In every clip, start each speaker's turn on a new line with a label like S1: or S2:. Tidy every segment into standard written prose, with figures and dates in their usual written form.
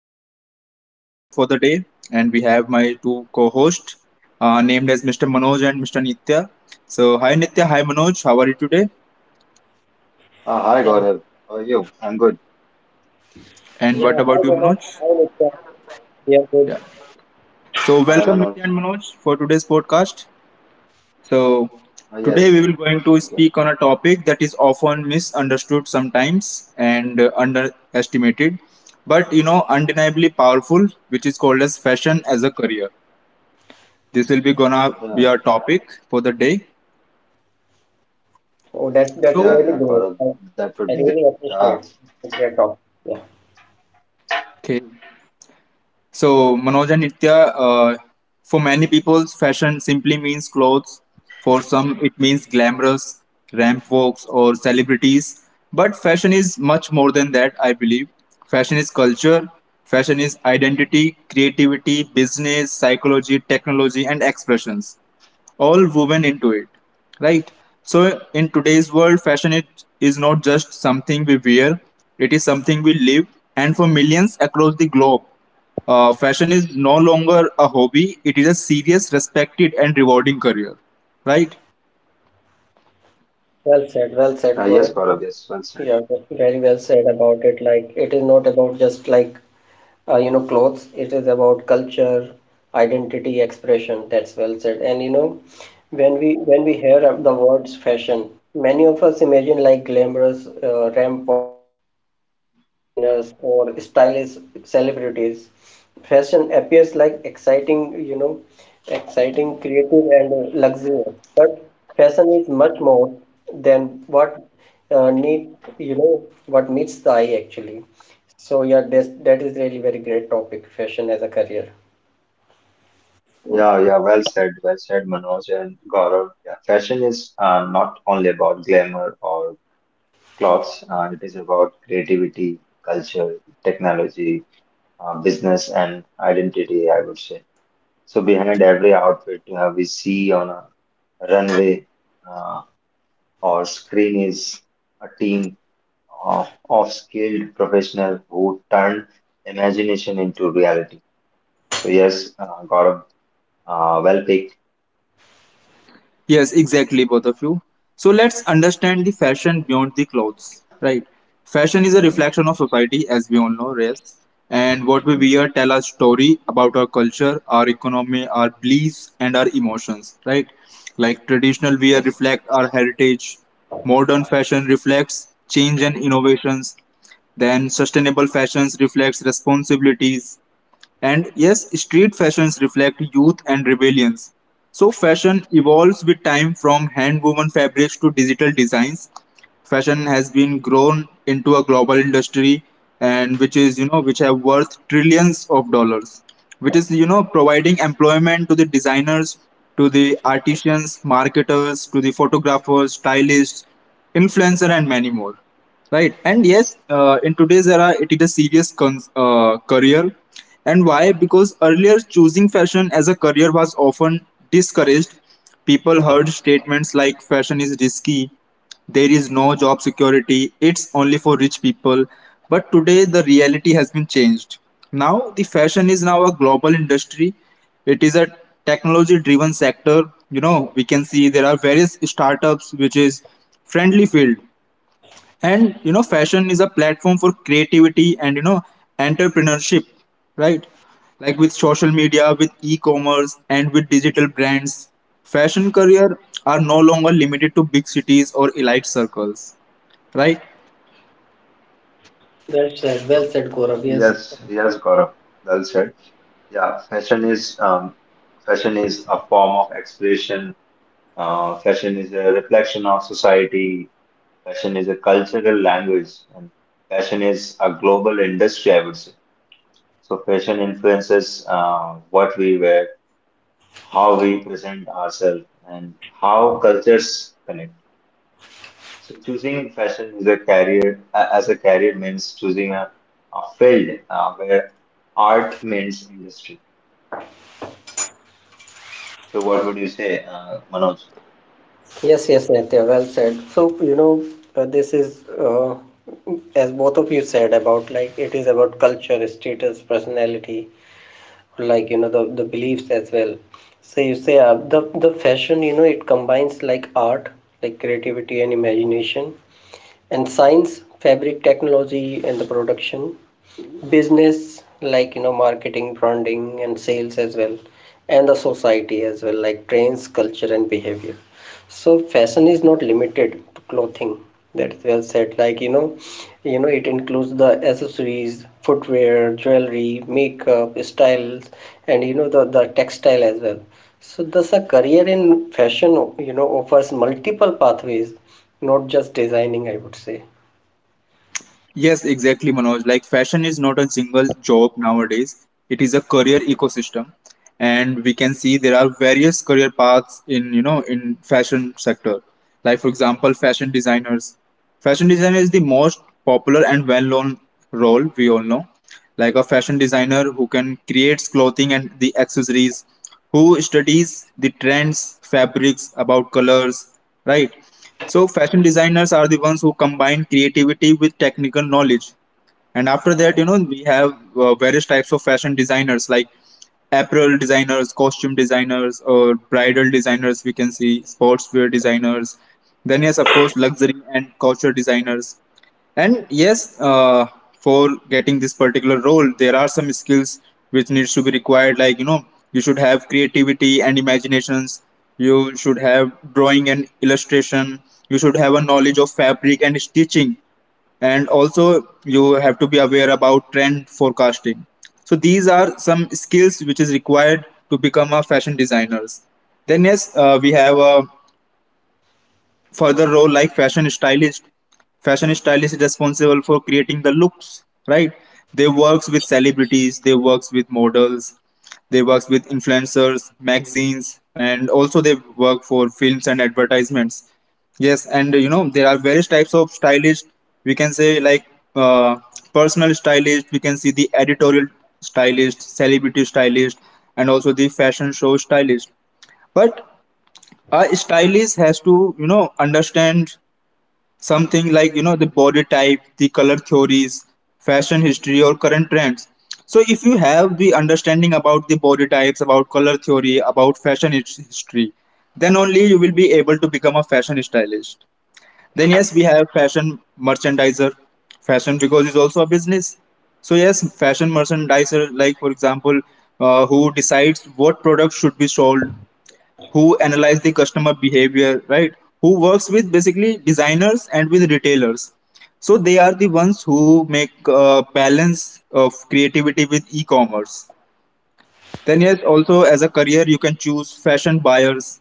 S1: name is Gaurav, your host for the day, and we have my two co-hosts named as Mr. Manoj and Mr. Nitya. So hi Nitya, hi Manoj, how are you today?
S2: Hi,
S3: Yeah,
S2: Gaurav. How are you? I'm good.
S1: And what
S3: yeah. Hi,
S1: about you,
S3: Gaurav.
S1: Manoj?
S3: Hi, Nitya. We are good.
S1: Yeah. So
S2: I am
S1: welcome
S2: Manoj.
S1: Nitya and Manoj for today's podcast. So
S2: Uh,
S1: today we
S2: yes,
S1: will going to
S2: thank you.
S1: speak on a topic that is often misunderstood sometimes and underestimated, but undeniably powerful, which is called as fashion as a career. This will be gonna be
S2: Yeah,
S1: our topic for the day.
S3: Oh, that's
S1: So,
S2: yeah,
S3: really
S2: yeah,
S3: great.
S2: Gaurav. That would
S3: I
S2: be it.
S3: really
S2: Uh,
S3: appreciate the great talk. Yeah.
S1: Okay. So Manoj and Nitya, uh, for many people, fashion simply means clothes. For some, it means glamorous ramp walks or celebrities. But fashion is much more than that, I believe. Fashion is culture. Fashion is identity, creativity, business, psychology, technology, and expressions, all woven into it, right? So, in today's world, fashion it is not just something we wear, it is something we live. And for millions across the globe, fashion is no longer a hobby, it is a serious, respected, and rewarding career, right?
S3: Well said. Well
S2: uh,
S3: said,
S2: yes,
S3: Gaurav.
S2: Gaurav. Yes, well said.
S3: Yeah, very well said about it. Like it is not about just like you know clothes. It is about culture, identity, expression. That's well said. And when we hear of the words fashion, many of us imagine like glamorous ramp walks, fashion designers, or stylish celebrities. Fashion appears like exciting, creative, and luxurious. But fashion is much more than what need, you know, what meets the eye actually. So yeah, that is really very great topic, fashion as a career.
S2: Yeah, well said. Well said, Manoj and Gaurav. Yeah, fashion is not only about glamour or clothes. It is about creativity, culture, technology, business, and identity, I would say. So behind every outfit we see on a runway uh, or screen is a team uh, of skilled professional who turn imagination into reality. So yes, Gaurav, well picked.
S1: Yes, exactly, both of you. So let's understand the fashion beyond the clothes, right? Fashion is a
S2: Mm-hmm.
S1: reflection of society, as we all know, yes. And what we
S2: Hmm.
S1: wear tell a story about our culture, our economy, our beliefs, and our emotions, right? Like traditional wear
S2: Yes.
S1: reflect our heritage, modern fashion reflects change and innovations, then sustainable fashions reflects responsibilities, and yes, street fashions reflect youth and rebellions. So, fashion evolves with time. From hand woven fabrics to digital designs, fashion has been grown into a global industry, and which is which have worth trillions of dollars, which is providing employment to the designers, to the artisans, marketers, to the photographers, stylists, influencer, and many more, right? And yes, in today's era it is a serious career. And why? Because earlier choosing fashion as a career was often discouraged. People heard statements like fashion is risky, there is no job security, it's only for rich people. But today the reality has been changed. Now the fashion is now a global industry. It is a technology driven sector. You know, we can see there are various startups which is friendly field, and fashion is a platform for creativity and entrepreneurship, right? Like with social media, with e-commerce, and with digital brands, fashion career are no longer limited to big cities or elite circles, right?
S2: Uh,
S3: Well said, Gaurav. Yes.
S2: yes. Yes, Gaurav. Well said. Yeah, fashion is a form of expression. Fashion is a reflection of society. Fashion is a cultural language, and fashion is a global industry, I would say. So fashion influences what we wear, how we present ourselves, and how cultures connect. So choosing fashion is a career as a career means choosing a field where art means industry. So what would you say, Manoj?
S3: Yes, yes, Nitya, well said. So, uh, this is, uh, as both of you said, about like it is about culture, status, personality, like you know the beliefs as well. So you say the fashion, you know, it combines like art, like creativity and imagination, and science, fabric technology, and the production, business, like you know marketing, branding, and sales as well, and the society as well, like trends, culture, and behavior. So fashion is not limited to clothing. That is well said. You know it includes the accessories, footwear, jewelry, makeup styles, and you know the textile as well. So thus a career in fashion, you know, offers multiple pathways, not just designing, I would say.
S1: Yes, exactly, Manoj. Like, fashion is not a single job nowadays, it is a career ecosystem. And we can see there are various career paths in, in fashion sector. Like, for example, fashion designers. Fashion designer is the most popular and well-known role we all know. Like a fashion designer who can create clothing and the accessories, who studies the trends, fabrics, about colors, right? So fashion designers are the ones who combine creativity with technical knowledge. And after that, we have various types of fashion designers, like apparel designers, costume designers, or bridal designers. We can see sportswear designers, then yes of course luxury and culture designers. And yes, for getting this particular role there are some skills which needs to be required, like you should have creativity and imaginations, you should have drawing and illustration, you should have a knowledge of fabric and stitching, and also you have to be aware about trend forecasting. So these are some skills which is required to become a fashion designers. Then yes, we have a further role like fashion stylist. Fashion stylist is responsible for creating the looks, right? They works with celebrities, they works with models, they works with influencers, magazines, and also they work for films and advertisements. Yes, and there are various types of stylist we can say, like uh, personal stylist, we can see the editorial stylist, celebrity stylist, and also the fashion show stylist. But a stylist has to understand something like the body type, the color theories, fashion history, or current trends. So if you have the understanding about the body types, about color theory, about fashion history, then only you will be able to become a fashion stylist. Then yes, we have fashion merchandiser. Fashion, because it's also a business. So yes, fashion merchandiser, like for example, who decides what products should be sold, who analyze the customer behavior, right? Who works with basically designers and with retailers. So they are the ones who make balance of creativity with e-commerce. Then yes, also as a career you can choose fashion buyers.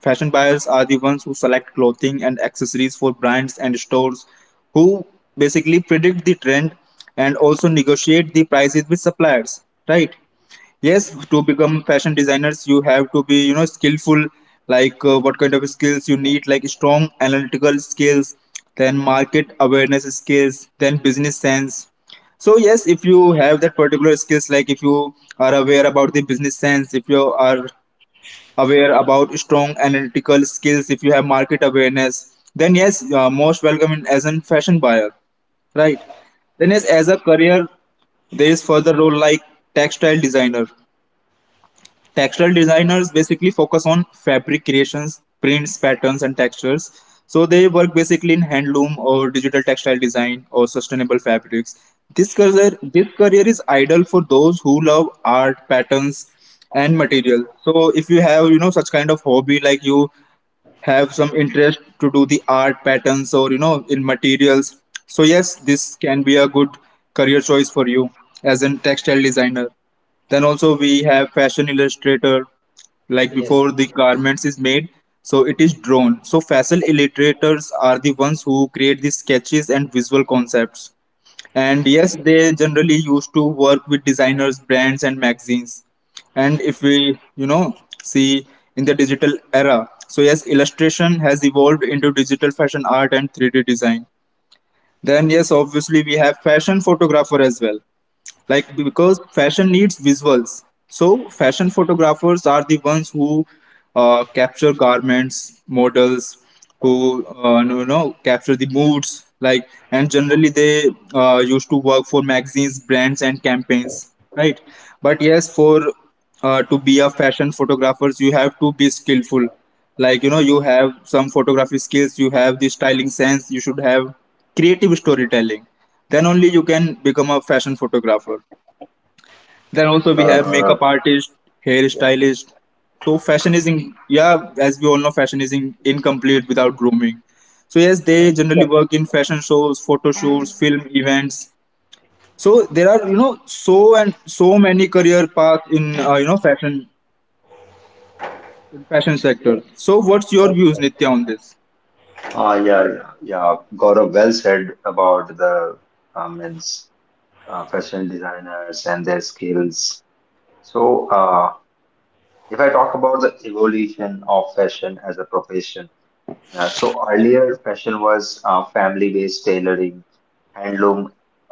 S1: Fashion buyers are the ones who select clothing and accessories for brands and stores, who basically predict the trend and also negotiate the prices with suppliers, right? Yes, to become fashion designers you have to be skillful. Like what kind of skills you need, like strong analytical skills, then market awareness skills, then business sense. So yes, if you have that particular skills, like if you are aware about the business sense, if you are aware about strong analytical skills, if you have market awareness, then yes you are most welcome in, as a fashion buyer, right? Then yes, as a career there is further role like textile designer. Textile designers basically focus on fabric creations, prints, patterns, and textures. So they work basically in handloom or digital textile design or sustainable fabrics. This career is ideal for those who love art, patterns, and material. So if you have such kind of hobby, like you have some interest to do the art patterns or in materials, so yes, this can be a good career choice for you as a textile designer. Then also we have fashion illustrator. Like
S3: Yes.
S1: before the garments is made, so it is drawn. So fashion illustrators are the ones who create the sketches and visual concepts, and yes, they generally used to work with designers, brands, and magazines. And if we, see in the digital era, so yes, illustration has evolved into digital fashion art and 3D design. Then, yes, obviously, we have fashion photographer as well, like because fashion needs visuals. So fashion photographers are the ones who capture garments, models, who capture the moods, like, and generally they used to work for magazines, brands, and campaigns, right? But yes, for to be a fashion photographers you have to be skillful, like you have some photography skills, you have the styling sense, you should have creative storytelling, then only you can become a fashion photographer. Then
S3: Well
S1: also
S3: said.
S1: we
S2: Yeah,
S1: have
S2: Gaurav.
S1: makeup artist,
S3: Yeah.
S1: hair stylist. So fashion is in, yeah, as we all know, fashion is in, incomplete without grooming. So yes,
S3: Correct.
S1: they
S3: Correct.
S1: generally work in fashion shows, photo shoots, film events. So there are so and so many career paths in fashion sector. So what's
S3: Well
S1: your
S3: said.
S1: views, Nitya, on this?
S2: Yeah. Gaurav, well said about the means fashion designers and their skills. So if I talk about the evolution of fashion as a profession, yeah, so earlier fashion was family-based tailoring, handloom,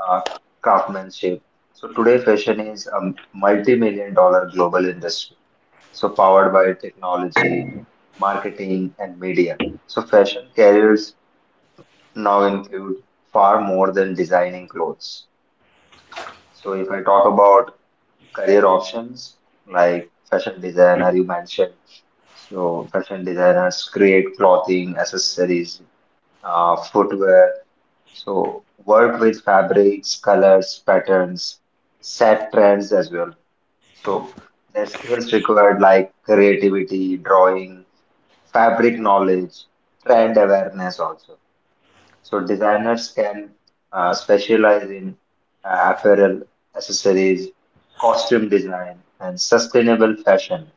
S2: uh, craftsmanship. So today fashion is a multi-million dollar global industry, so powered by technology, marketing, and media. So fashion careers now include far more than designing clothes. So if I talk about career options like fashion designer you mentioned, so fashion designers create clothing, accessories, footwear. So work with fabrics, colors, patterns, set trends as well. So the skills required like creativity, drawing, fabric knowledge, trend awareness also. So designers can specialize in apparel, accessories, costume design, and sustainable fashion.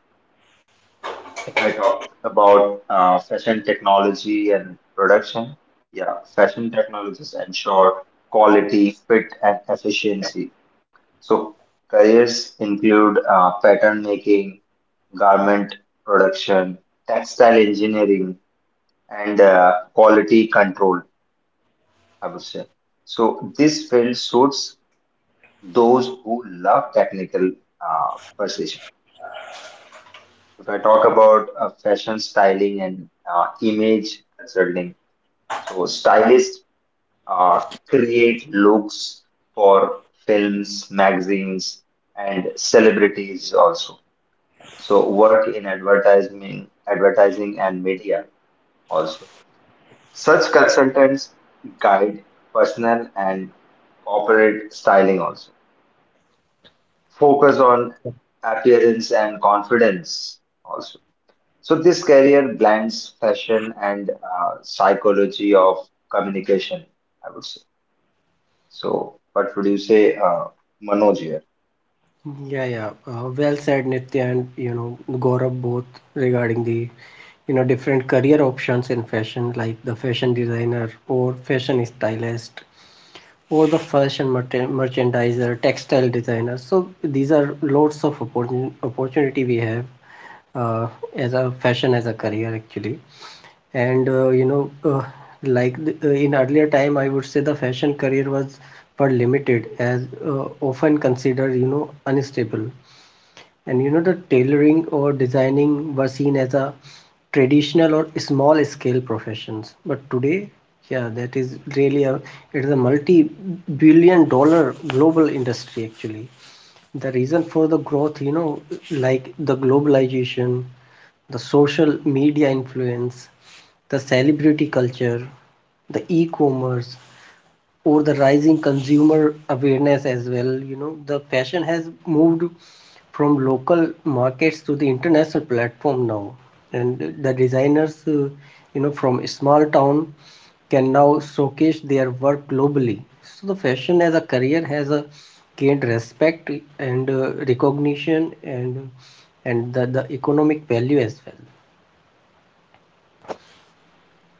S2: If I talk about fashion technology and production, yeah, fashion technologies ensure quality, fit, and efficiency. So careers include pattern making, garment production, textile engineering, and quality control, I would say. So this field suits those who love technical precision. If I talk about fashion styling and image consulting, so stylists uh, create looks for films, magazines, and celebrities also. So work in advertising, advertising and media also. Such consultants guide personal and corporate styling also. Focus on appearance and confidence also. So this career blends fashion and psychology of communication, I would say. So, what would you say, Manoj here?
S3: Yeah, yeah. Well said, Nitya, and you know Gaurav, both regarding the, you know, different career options in fashion, like the fashion designer or fashion stylist or the fashion merchandiser, textile designer. So these are lots of opportunity we have uh, as a fashion as a career actually. And in earlier time, I would say the fashion career was for limited, as often considered, you know, unstable. And you know, the tailoring or designing was seen as a traditional or small scale professions. But today, yeah, that is really a it is a multi billion dollar global industry actually. The reason for the growth, you know, like the globalization, the social media influence, the celebrity culture, the e-commerce, or the rising consumer awareness. As well, you know, the fashion has moved from local markets to the international platform now, and the designers, you know, from a small town can now showcase their work globally. So the fashion as a career has a gained respect and recognition, and the economic value as well.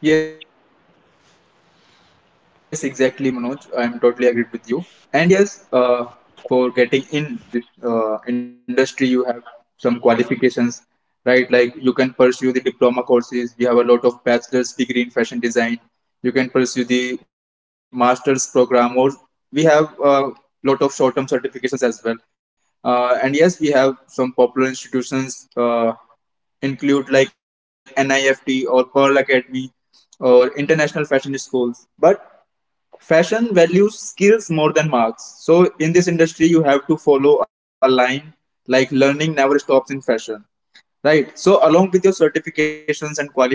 S1: Yes, exactly, Manoj. I am totally agreed with you. And yes, for getting in this industry, you have some qualifications, right? Like you can pursue the diploma courses. We have a lot of bachelor's degree in fashion design. You can pursue the master's program, or we have a lot of short-term certifications as well. And yes, we have some popular institutions include like NIFT or Pearl Academy or international fashion schools. But fashion values skills more than marks. So in this industry, you have to follow a line like learning never stops in fashion, right? So along with your certifications and qualifications, fashion demands more than talent,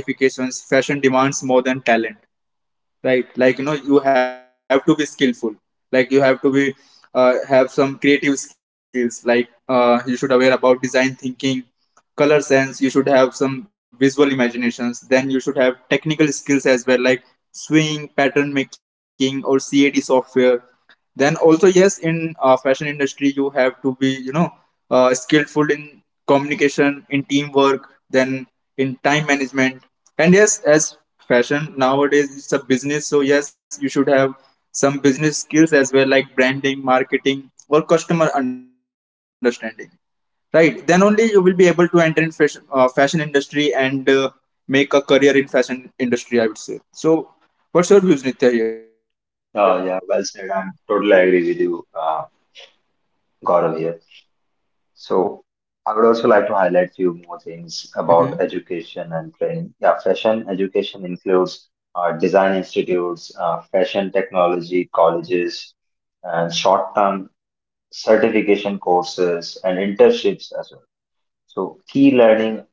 S1: right? Like you have to be skillful. Like you have to be have some creative skills. Like you should aware about design thinking, color sense, you should have some visual imaginations, then you should have technical skills as well, like swing pattern making or cad software. Then also yes, in fashion industry you have to be skillful in communication, in teamwork, then in time management. And yes, as fashion nowadays it's a business, so yes you should have some business skills as well, like branding, marketing, or customer understanding, right? Then only you will be able to enter in fashion, fashion industry and make a career in fashion industry, I would say. So what's your views, Nitya,
S2: Yeah, well said. I'm totally agree with you, Gaurav here.
S1: here?
S2: So, I would also like to highlight few more things about education and training. Yeah, fashion education includes design institutes, fashion technology colleges, and short-term certification courses and internships as well. So, key learning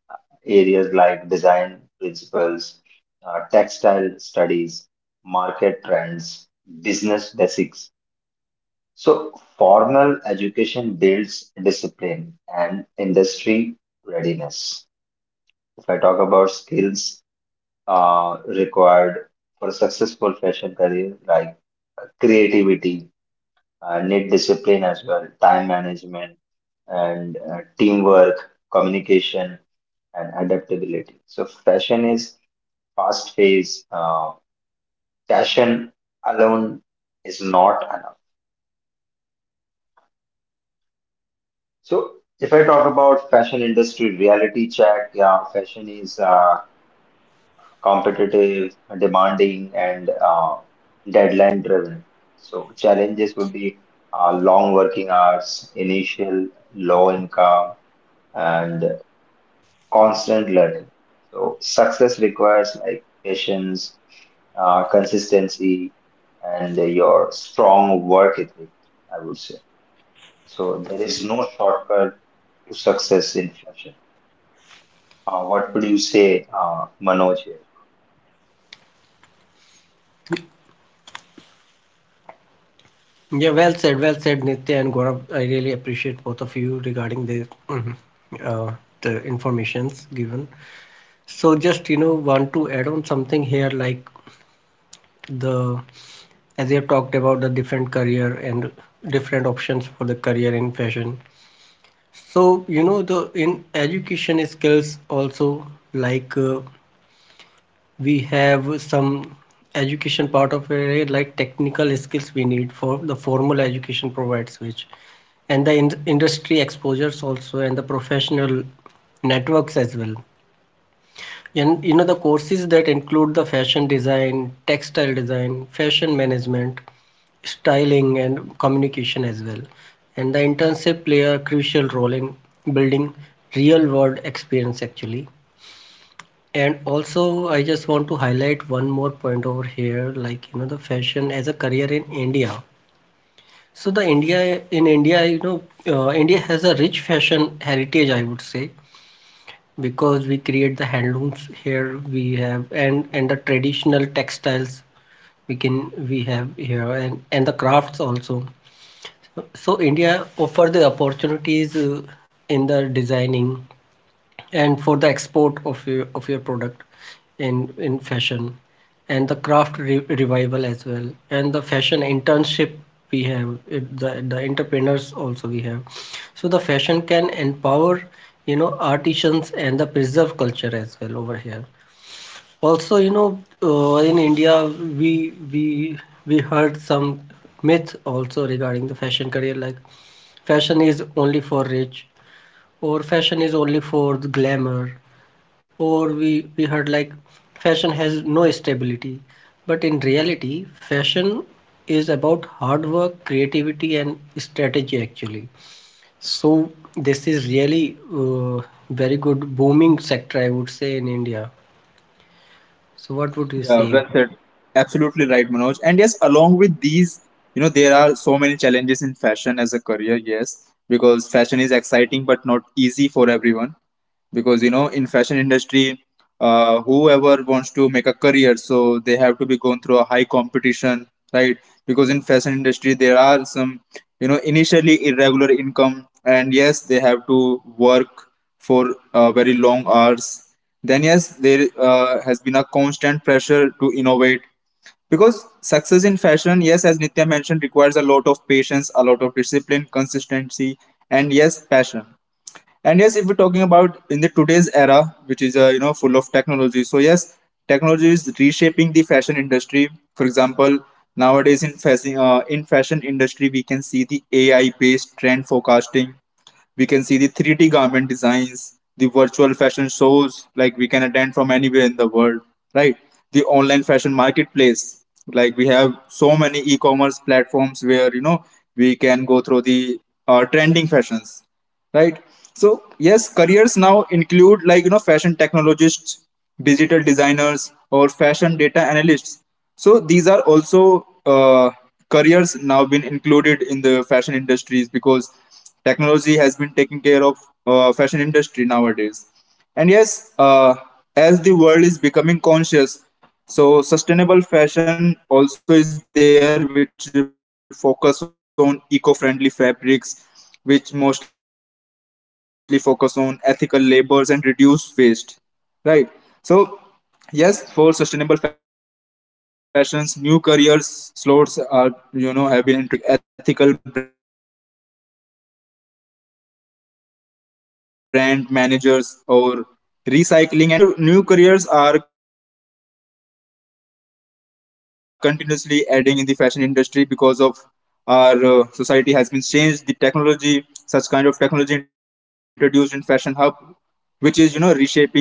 S2: areas like design principles, textile studies, market trends, business basics. So, formal education builds discipline and industry readiness. If I talk about skills required for a successful fashion career, like creativity, need discipline as well, time management, and teamwork, communication, and adaptability. So, fashion is fast phase. Fashion alone is not enough. So if I talk about fashion industry reality check, yeah, fashion is competitive, demanding, and deadline driven. So challenges would be long working hours, initial low income, and constant learning. So success requires like patience, consistency, and your strong work ethic, I would say. So there is no shortcut to success in fashion. What would you say, Manoj? Here?
S3: Yeah, well said, Nitya and Gaurav. I really appreciate both of you regarding the uh, the informations given. So just, you know, want to add on something here, like the as you have talked about the different career and different options for the career in fashion. So you know the in education skills also. Like. We have some education part of it, like technical skills we need, for the formal education provides which, and the industry exposures also, and the professional networks as well. And you know the courses that include the fashion design, textile design, fashion management, styling, and communication as well. And the internship play a crucial role in building real world experience actually. And also, I just want to highlight one more point over here, like you know, the fashion as a career in India. So the India, you know, India has a rich fashion heritage, I would say, because we create the handlooms here we have, and the traditional textiles we have here, and the crafts also. So India offer the opportunities in the designing, and for the export of your product in fashion, and the craft re revival as well, and the fashion internship we have it, the entrepreneurs also we have. So the fashion can empower, you know, artisans and the preserve culture as well over here. Also, you know, in India, we we we heard some myth also regarding the fashion career, like fashion is only for rich, or fashion is only for the glamour, or we heard like fashion has no stability. But in reality, fashion is about hard work, creativity, and strategy actually. So this is really very good booming sector, I would say, in India. So what would you
S1: Yeah,
S3: say?
S1: well said. Absolutely right, Manoj. And yes, along with these, there are so many challenges in fashion as a career, yes, because fashion is exciting but not easy for everyone. Because in fashion industry, whoever wants to make a career, so they have to be going through a high competition, right? Because in fashion industry there are some initially irregular income, and yes they have to work for very long hours. Then yes, there has been a constant pressure to innovate, because success in fashion, yes as Nitya mentioned, requires a lot of patience, a lot of discipline, consistency, and yes passion. And yes, if we're talking about in the today's era, which is full of technology, so yes, technology is reshaping the fashion industry. For example, nowadays in fashion, in fashion industry, we can see the AI based trend forecasting. We can see the 3D garment designs, the virtual fashion shows, like we can attend from anywhere in the world, right? The online fashion marketplace, like we have so many e-commerce platforms where we can go through the trending fashions, right? So yes, careers now include like fashion technologists, digital designers, or fashion data analysts. So these are also careers now been included in the fashion industries, because technology has been taking care of fashion industry nowadays. And yes, as the world is becoming conscious, so sustainable fashion also is there, which focus on eco-friendly fabrics, which mostly focus on ethical labors and reduce waste. Right. So yes, for sustainable fashions, new careers slots are have been introduced in fashion industries, like sustainable fashion consultants, like ethical brand managers, or recycling and upscale upcycling designers. So yes, new careers are continuously adding in the fashion industry, because of our society has been changed. The technology, such kind of technology introduced in fashion hub, which is reshaping the fashion industry in a way,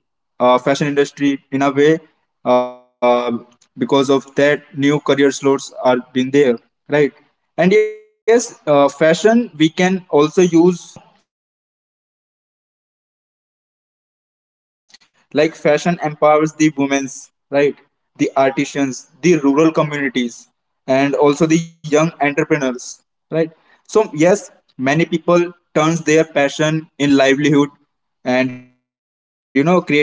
S1: uh, because of that new career slots are been there, right? And yes, fashion, we can also use fashion as a tool of empowerment. Because like fashion empowers the women's, right, the artisans, the rural communities, and also the young entrepreneurs, right? So yes, many people turns their passion in livelihood, and creating jobs and preserving the culture.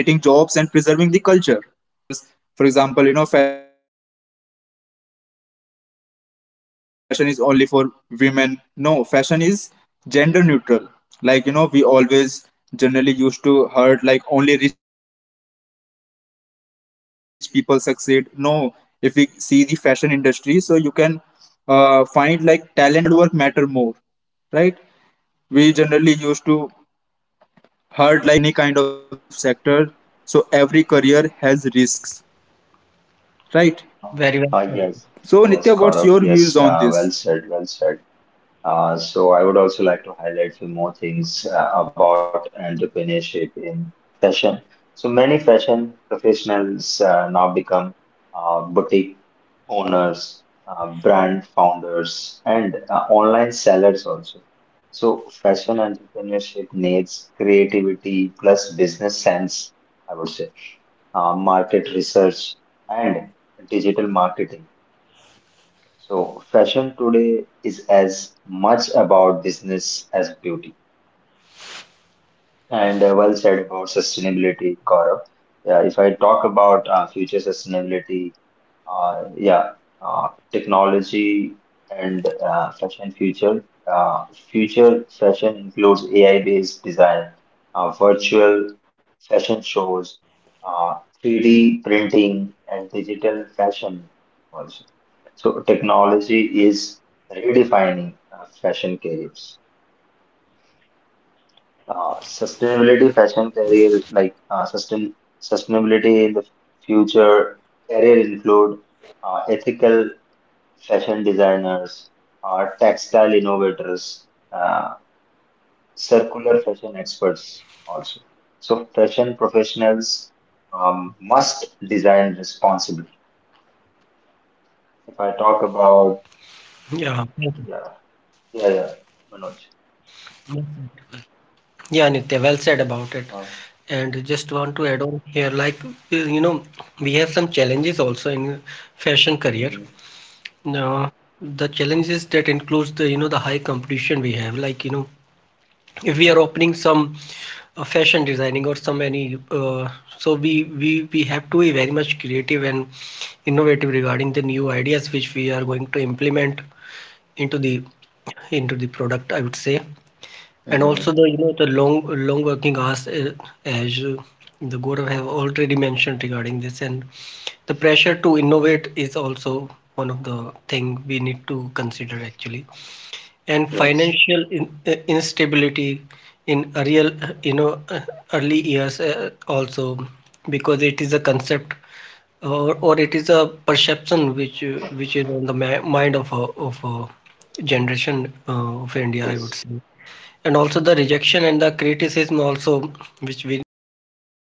S1: Yes, as Manoj mentioned that yes, there are so many myths about fashion careers. For example, fashion is only for women. No, fashion is gender neutral. Like, we always generally used to heard like only rich people succeed. No, if we see the fashion industry, so you can find like talent and hard work matter more, right? We generally used to hard like fashion is unstable, but if we see any kind of sector, so every career has risks, right?
S2: Uh,
S3: Very well
S2: uh,
S3: said.
S2: yes,
S1: So Nitya,
S2: yes,
S1: what's
S2: Gaurav.
S1: your views
S2: Yes,
S1: on this?
S2: well said, well said. So I would also like to highlight few more things about entrepreneurship in fashion. So many fashion professionals now become boutique owners, brand founders, and online sellers also. So fashion entrepreneurship needs creativity plus business sense, I would say, market research and digital marketing. So, fashion today is as much about business as beauty. And well said about sustainability, Gaurav. Yeah, if I talk about future sustainability, yeah, technology and fashion future. Uh, future fashion includes AI-based design, virtual fashion shows, uh, 3D printing, and digital fashion also. So technology is redefining fashion careers. Sustainability fashion career like sustainability in the future career include ethical fashion designers, textile innovators, uh, circular fashion experts also. So fashion professionals must design responsibly. If I
S3: Yeah.
S2: talk
S3: Yes, sir.
S2: about yeah yeah Manoj.
S3: Yeah, Nitya, well said about it. And just want
S2: Uh,
S3: to add on here, like you
S1: And
S3: know,
S1: here
S3: we
S1: I
S3: have
S1: would
S3: some
S1: also like to
S3: challenges
S1: mention
S3: also
S1: something
S3: in
S1: like
S3: fashion
S1: we
S3: career.
S1: should take the inspirations
S2: hmm.
S1: from the
S3: No,
S1: fashion
S3: the
S1: icons, I
S3: challenges
S1: believe.
S3: that
S1: Because
S3: includes the,
S1: from
S3: you know, the
S1: global
S3: high
S1: designers to
S3: competition we
S1: local
S3: have, like you know,
S1: artisans, fashion
S3: if we are
S1: success
S3: opening
S1: stories
S3: some
S1: prove one thing, like if you
S3: fashion
S1: are
S3: designing or
S1: passionate,
S3: some any
S1: disciplined, and willing
S3: so
S1: to
S3: we
S1: learn,
S3: we we have to
S1: fashion
S3: be
S1: can
S3: very
S1: become
S3: much
S1: a powerful
S3: creative and
S1: career, right?
S3: innovative regarding the new
S1: So,
S3: ideas
S1: Manoj,
S3: which
S1: what's
S3: we
S1: your
S3: are
S1: views
S3: going to
S1: here?
S3: implement into the product, I would say. And
S2: Hmm.
S3: also the, you know, the long working hours, as the Gaurav have already mentioned regarding this. And the pressure to innovate is also one of the thing we need to consider actually. And
S2: Yes,
S3: financial instability in a real, early years
S1: Uh,
S3: also,
S1: Hello,
S3: because
S1: Manoj
S3: it
S1: and
S3: is a
S1: Nitya.
S3: concept
S1: Am I audible to
S3: or
S1: you?
S3: it is a perception which is on the ma mind of of a generation of India, I would
S2: yes.
S3: say. And also the rejection and the criticism also which we which can be